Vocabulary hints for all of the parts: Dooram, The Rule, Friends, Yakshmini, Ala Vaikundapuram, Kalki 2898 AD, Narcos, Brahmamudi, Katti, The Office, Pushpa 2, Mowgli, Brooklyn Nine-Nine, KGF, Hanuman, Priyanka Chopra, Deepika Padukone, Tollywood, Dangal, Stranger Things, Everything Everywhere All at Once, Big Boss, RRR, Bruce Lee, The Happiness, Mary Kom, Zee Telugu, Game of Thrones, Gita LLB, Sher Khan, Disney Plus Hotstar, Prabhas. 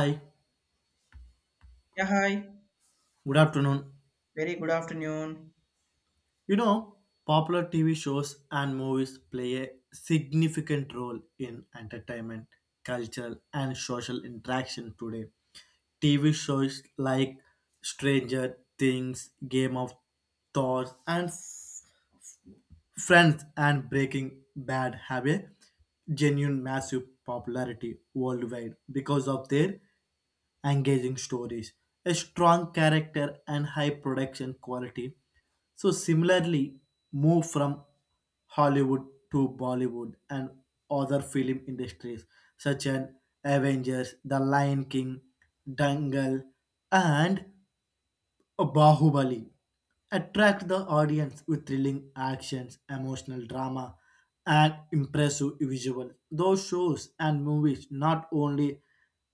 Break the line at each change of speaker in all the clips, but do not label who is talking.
Hi,
Yeah, hi.
good afternoon.
Very good afternoon.
You know, popular TV shows and movies play a significant role in entertainment, culture, and social interaction today. TV shows like Stranger Things, Game of Thrones, and Friends and Breaking Bad have a genuine massive popularity worldwide because of their engaging stories, a strong character, and high production quality. So, similarly, move from Hollywood to Bollywood and other film industries such as Avengers, The Lion King, Dangal, and Bahubali attract the audience with thrilling actions, emotional drama, and impressive visuals. Those shows and movies not only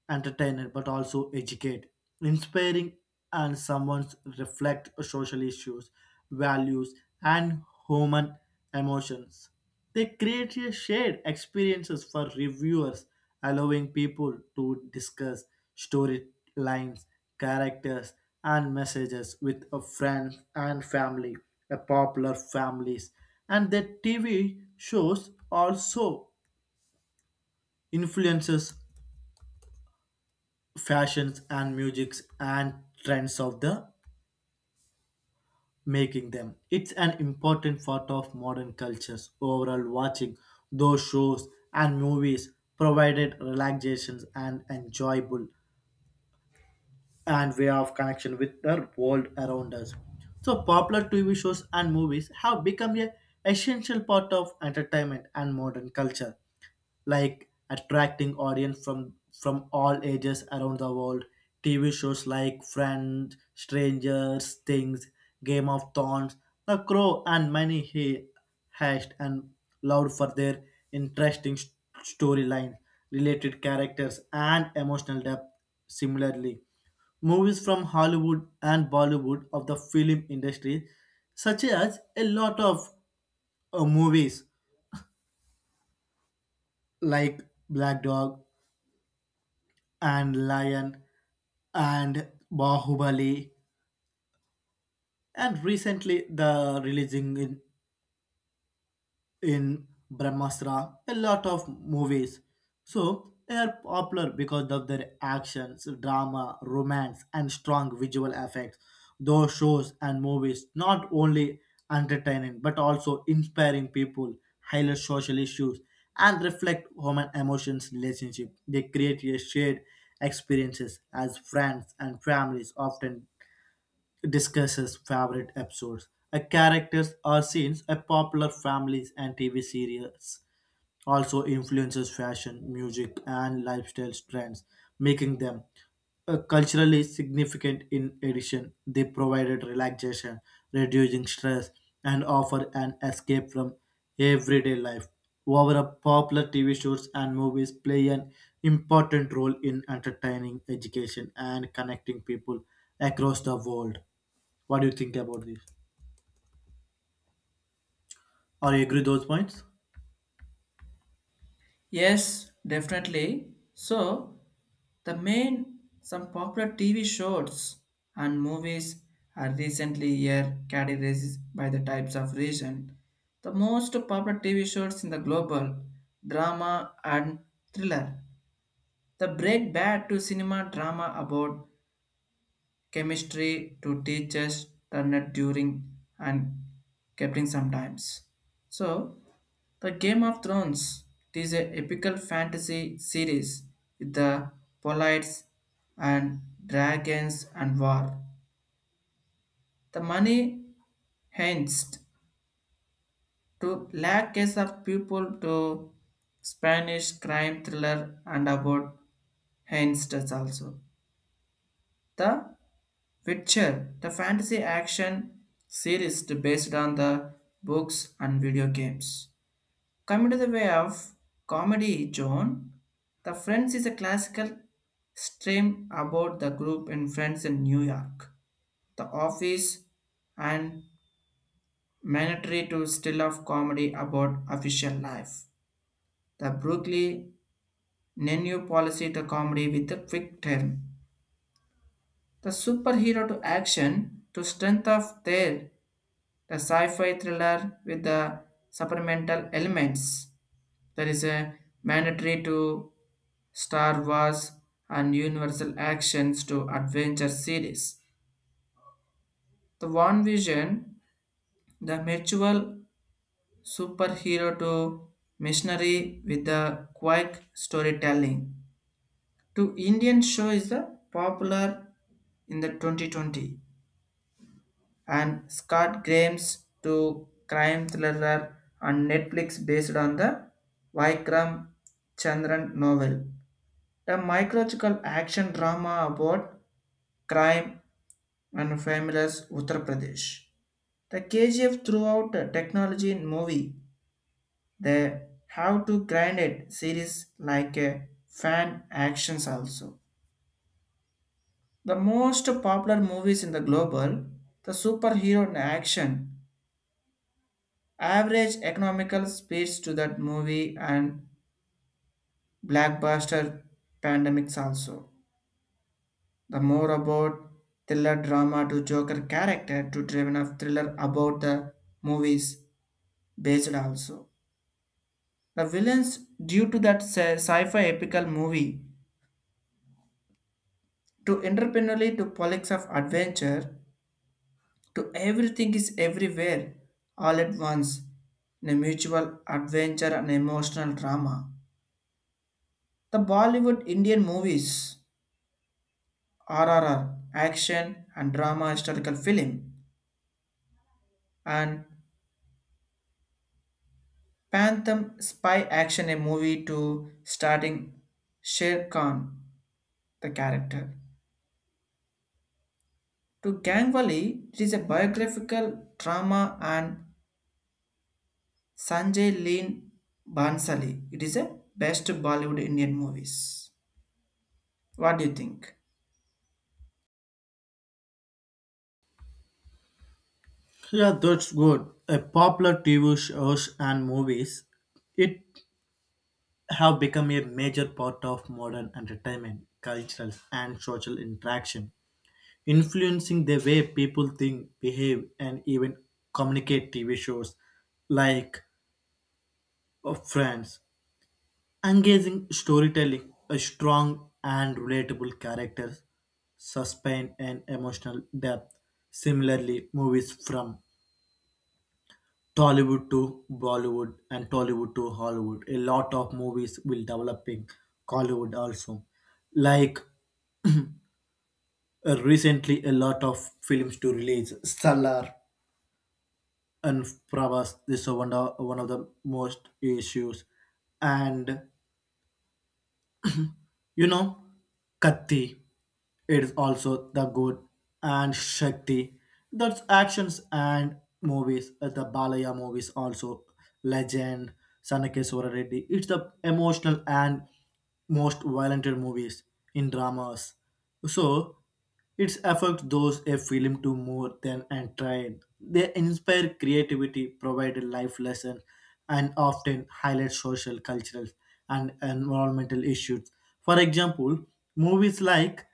entertain but also educate, inspiring, and someone's reflect social issues, values, and human emotions. They create a shared experiences for reviewers, allowing people to discuss storylines, characters, and messages with a friends and family, a popular families, and the TV shows also influences fashions and musics and trends of the making them. It's an important part of modern cultures. Overall, watching those shows and movies provided relaxations and enjoyable and way of connection with the world around us. So popular TV shows and movies have become a essential part of entertainment and modern culture, like attracting audience from all ages around the world. TV shows like Friends, Strangers, Things, Game of Thrones, The Crow, and many he hashed and loved for their interesting storyline, related characters, and emotional depth. Similarly. Movies from Hollywood and Bollywood of the film industry, such as a lot of movies like Black Dog and Lion and Bahubali, and recently the releasing in Brahmastra, a lot of movies. So they are popular because of their actions, drama, romance, and strong visual effects. Those shows and movies not only entertaining but also inspiring people, highlight social issues, and reflect human emotions relationship. They create a shared experiences as friends and families often discusses favorite episodes, a characters or scenes, a popular families and TV series also influences fashion, music, and lifestyle trends, making them culturally significant. In addition, they provided relaxation, reducing stress, and offer an escape from everyday life. Over popular TV shows and movies play an important role in entertaining, education, and connecting people across the world. What do you think about this? Are you agree those points?
Yes, definitely. So, the main some popular TV shows and movies are recently here categorized by the types of region. The most popular TV shows in the global drama and thriller. The break bad to cinema drama about chemistry to teachers turned during and kept in sometimes. So The Game of Thrones, it is a epical fantasy series with the polites and dragons and war. The money hinged to lackes of people to Spanish crime thriller and about hinged also. The Witcher, the fantasy action series based on the books and video games. Coming to the way of comedy, John. The Friends is a classical stream about the group in Friends in New York. The Office and mandatory to still of comedy about official life. The Brooklyn Nenu policy to comedy with a quick turn. The superhero to action to strength of their the sci-fi thriller with the supplemental elements. There is a mandatory to Star Wars and Universal Actions to Adventure series. The One Vision, the mutual superhero to missionary with the quick storytelling. To Indian show is the popular in the 2020 and Scott Graham's to crime thriller on Netflix based on the Vikram Chandran novel. A mycological action drama about crime and families Uttar Pradesh. The KGF throughout the technology in movie, they have to grind it series like a fan actions also. The most popular movies in the global, the superhero in action, average economical speeds to that movie and blackbuster pandemics also. The more about thriller drama to Joker character to driven of thriller about the movies based also. The villains due to that sci-fi epical movie to entrepreneurially to politics of adventure to everything is everywhere all at once in a mutual adventure and emotional drama. The Bollywood Indian movies RRR action and drama historical film and Phantom spy action a movie to starting Sher Khan, the character. To Gangwali, it is a biographical drama and Sanjay Lean Bansali. It is a best Bollywood Indian movies. What do you think?
Yeah, that's good. A popular TV shows and movies, it have become a major part of modern entertainment, cultural and social interaction, influencing the way people think, behave, and even communicate. TV shows like Friends, engaging storytelling, a strong and relatable characters, suspense, and emotional depth. Similarly, movies from Tollywood to Bollywood and Tollywood to Hollywood. A lot of movies will developing Collywood also. Like recently, a lot of films to release. Stellar and Pravas. This is one of the most issues, and you know, Katti, it is also the good and Shakti. That's actions and movies. The Balaya movies also legend. Sanakeswara Reddy. It's the emotional and most violent movies in dramas. So it affects those a film to more than entertain. They inspire creativity, provide a life lessons, and often highlight social, cultural, and environmental issues. For example, movies like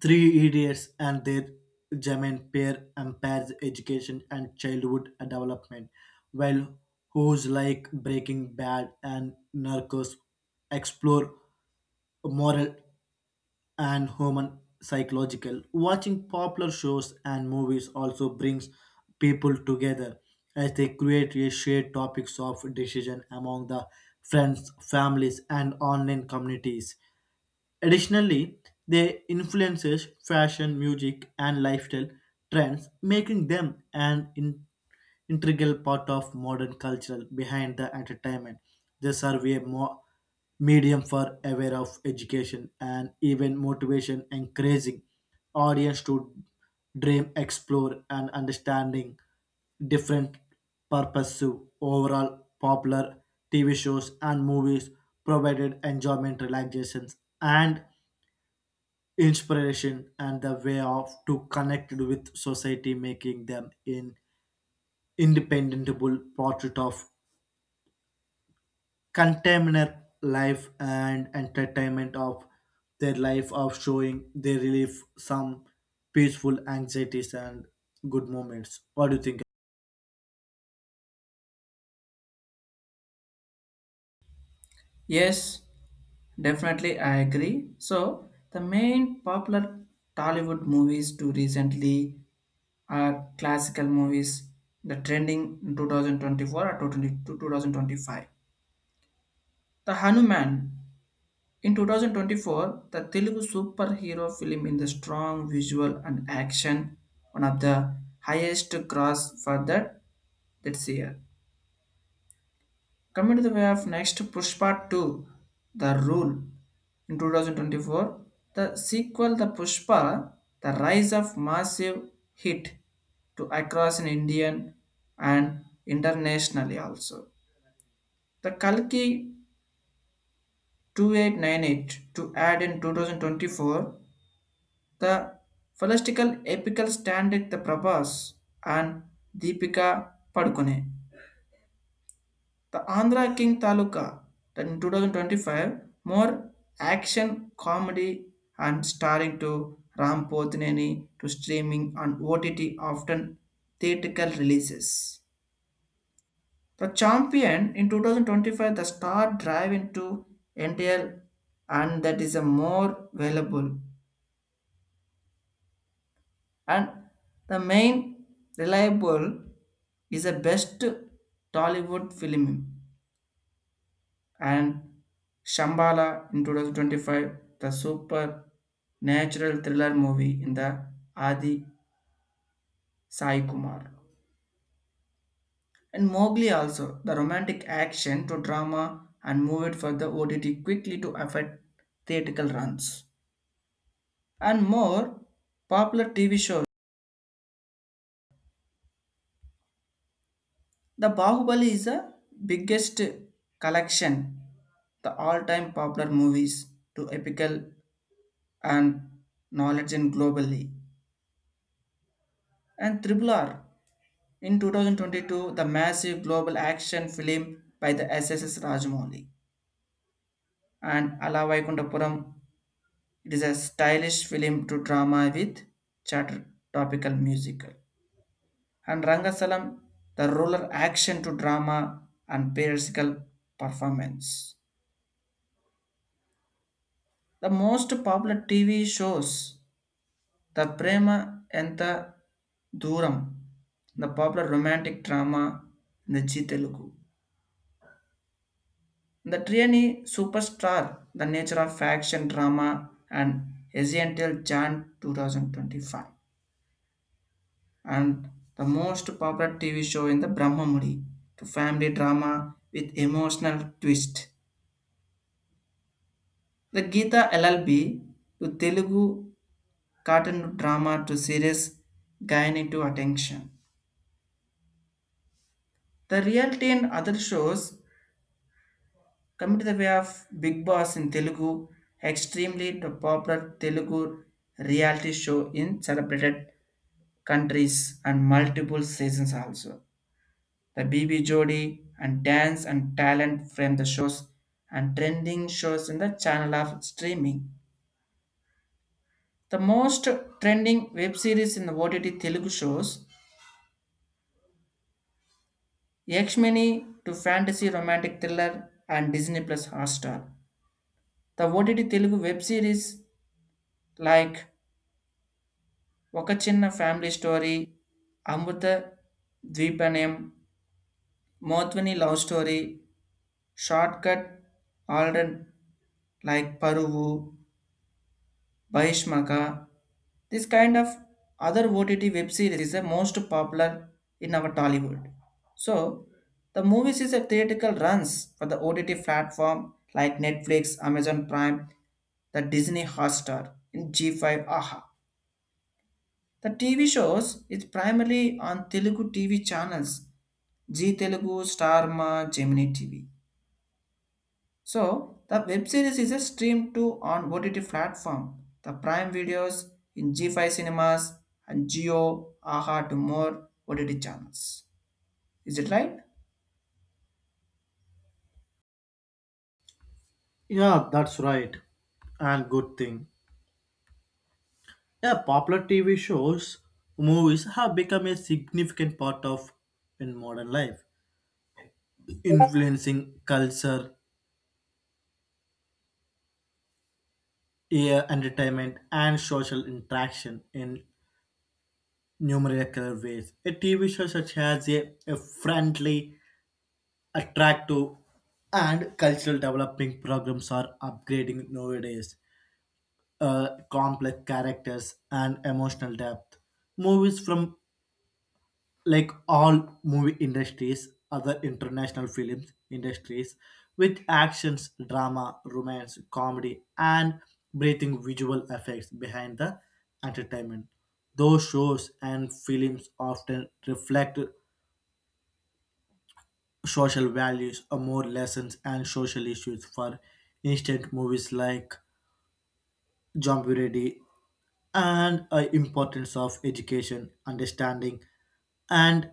Three Idiots and their German pair empowers education and childhood development, while who's like Breaking Bad and Narcos explore moral and human psychological. Watching popular shows and movies also brings people together as they create a shared topics of decision among the friends, families, and online communities. Additionally, they influences fashion, music, and lifestyle trends, making them an integral part of modern culture behind the entertainment. They serve a more medium for aware of education and even motivation, encouraging audience to dream, explore, and understanding different purposive overall popular TV shows and movies provided enjoyment relaxations and inspiration and the way of to connect with society making them an independable portrait of contemporary life and entertainment of their life of showing they relieve some peaceful anxieties and good moments. What do you think?
Yes, definitely I agree. So the main popular Tollywood movies to recently are classical movies, the trending 2024 or 20 to 2025. The Hanuman. In 2024, the Telugu superhero film in the strong visual and action, one of the highest gross for that's year. Coming to the way of next Pushpa 2, The Rule. In 2024, the sequel The Pushpa, The Rise of Massive Hit to across in Indian and internationally also. The Kalki 2898 to add in 2024. The philosophical epical standard The Prabhas and Deepika Padukone. The Andhra King Taluka that in 2025 more action comedy and starring to Ram Pothineni to streaming on OTT often theatrical releases. The champion in 2025, the star drive into NTL and that is a more valuable and the main reliable is the best Tollywood film. And Shambhala in 2025, the super natural thriller movie in the Adi Sai Kumar. And Mowgli also, the romantic action to drama and moved for the OTT quickly to affect theatrical runs. And more popular TV shows, The Bahubali is the biggest collection, the all-time popular movies to epical and knowledge in globally. And Triple R in 2022, the massive global action film by the SSS Rajamouli. And Ala Vaikundapuram, it is a stylish film to drama with chatter topical musical. And Rangasalam, the ruler action to drama and periodical performance. The most popular TV shows, The Prema and the Dooram, the popular romantic drama the G Telugu. The Triani Superstar, The Nature of Faction Drama and Essential Jan 2025. And the most popular TV show in the Brahmamudi, to family drama with emotional twist. The Gita LLB to Telugu cartoon drama to series gaining to attention. The reality and other shows, come to the way of Big Boss in Telugu, extremely the popular Telugu reality show in celebrated countries and multiple seasons also. The BB Jodi and Dance and Talent frame the shows and trending shows in the channel of streaming. The most trending web series in the OTT Telugu shows Yakshmini to fantasy romantic thriller and Disney Plus Hotstar. The OTT Telugu web series like ఒక చిన్న family story, అమృత ద్వీపనయం, మోత్వని love story, short cut already like Paruvu, బహిష్మక. This kind of other OTT web series is the most popular in our Tollywood. So the movies is a theatrical runs for the OTT platform like Netflix, Amazon Prime, the Disney Hotstar, in G5 AHA. The TV shows is primarily on Telugu TV channels, Zee Telugu, Starma, Gemini TV. So the web series is a streamed to on OTT platform, the Prime Videos in G5 Cinemas and Geo, Aha to more OTT channels. Is it right?
Yeah, that's right and good thing. Yeah, popular TV shows, movies have become a significant part of in modern life, influencing culture, air entertainment, and social interaction in numerous ways. A TV show such as a friendly, attractive, and cultural developing programs are upgrading nowadays. Complex characters and emotional depth. Movies from like all movie industries, other international films industries, with actions, drama, romance, comedy, and breathing visual effects behind the entertainment. Those shows and films often reflect social values, or more lessons, and social issues. For instance, movies like Jump Ready and importance of education, understanding, and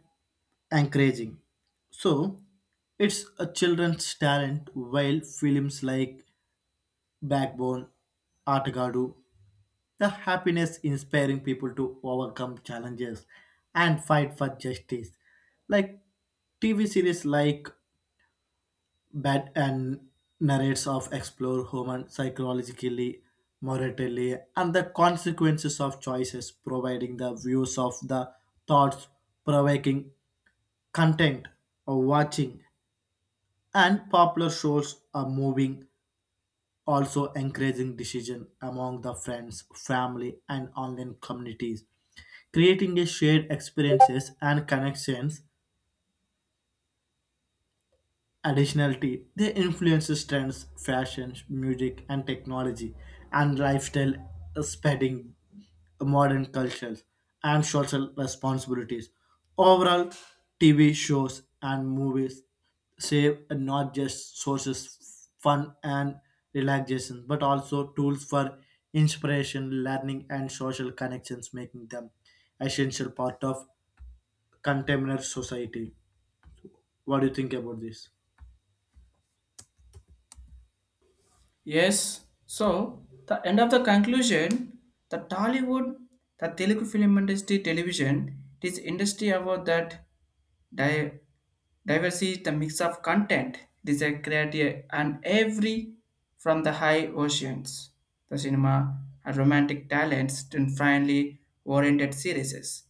encouraging. So, it's a children's talent while films like Backbone, Atagadu, The Happiness inspiring people to overcome challenges and fight for justice. Like TV series like Bad and narrates of explore human psychologically, morally, and the consequences of choices, providing the views of the thoughts provoking content or watching and popular shows are moving also encouraging decision among the friends family and online communities creating a shared experiences and connections. Additionally, they influence trends, fashion, music, and technology, and lifestyle, spreading modern cultures and social responsibilities. Overall, TV shows and movies save not just sources fun and relaxation, but also tools for inspiration, learning, and social connections, making them essential part of contemporary society. What do you think about this?
Yes, so the end of the conclusion, the Tollywood, the Telugu film industry television, it is industry about that di- diversity, the mix of content. It is a creative and every from the high oceans, the cinema and romantic talents to finally oriented series.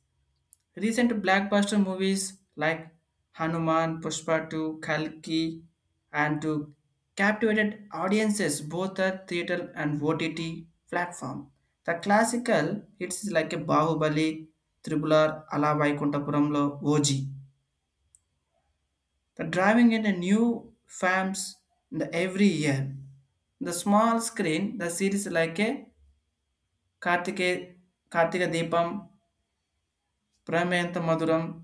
Recent blockbuster movies like Hanuman, Pushpa 2, Kalki, and 2 captivated audiences both at theater and OTT platform. The classical hits like a Bahubali, Tribular, Ala Vaikuntapuramlo, OG. The driving in a new fans in the every year. The small screen, the series like a Kartike, Kartika Deepam, Pramayanth Maduram,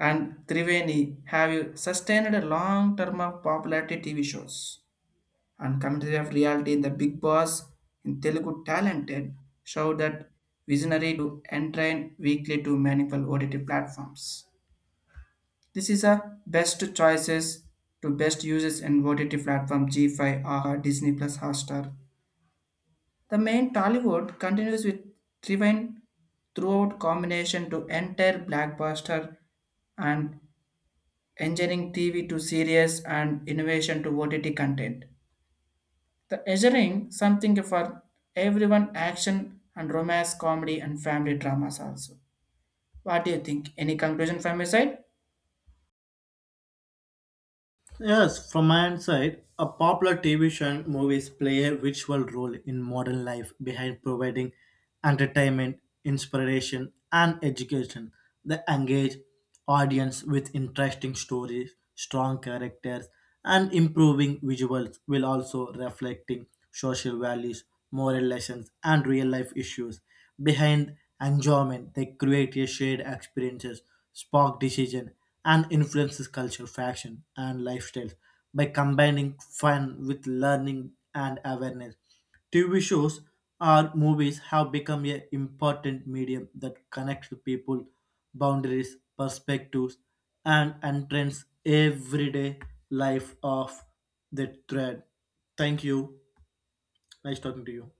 and Triveni have you sustained a long term of popularity TV shows and commentary of reality in the Big Boss in Telugu talented show that visionary to entrain weekly to meaningful OTT platforms. This is a best choices to best uses in OTT platform G5 or Disney Plus Hotstar. The main Tollywood continues with Triveni throughout combination to entire blockbuster and engineering TV to series and innovation to OTT content. The engineering something for everyone action and romance, comedy and family dramas also. What do you think? Any conclusion from your side?
Yes, from my own side, a popular TV show and movies play a virtual role in modern life behind providing entertainment, inspiration, and education. They engage audience with interesting stories, strong characters, and improving visuals while also reflecting social values, moral lessons, and real-life issues. Behind enjoyment, they create a shared experiences, spark decision, and influences culture, fashion, and lifestyles by combining fun with learning and awareness. TV shows or movies have become an important medium that connects people, boundaries, perspectives, and entrance everyday life of the thread. Thank you. Nice talking to you.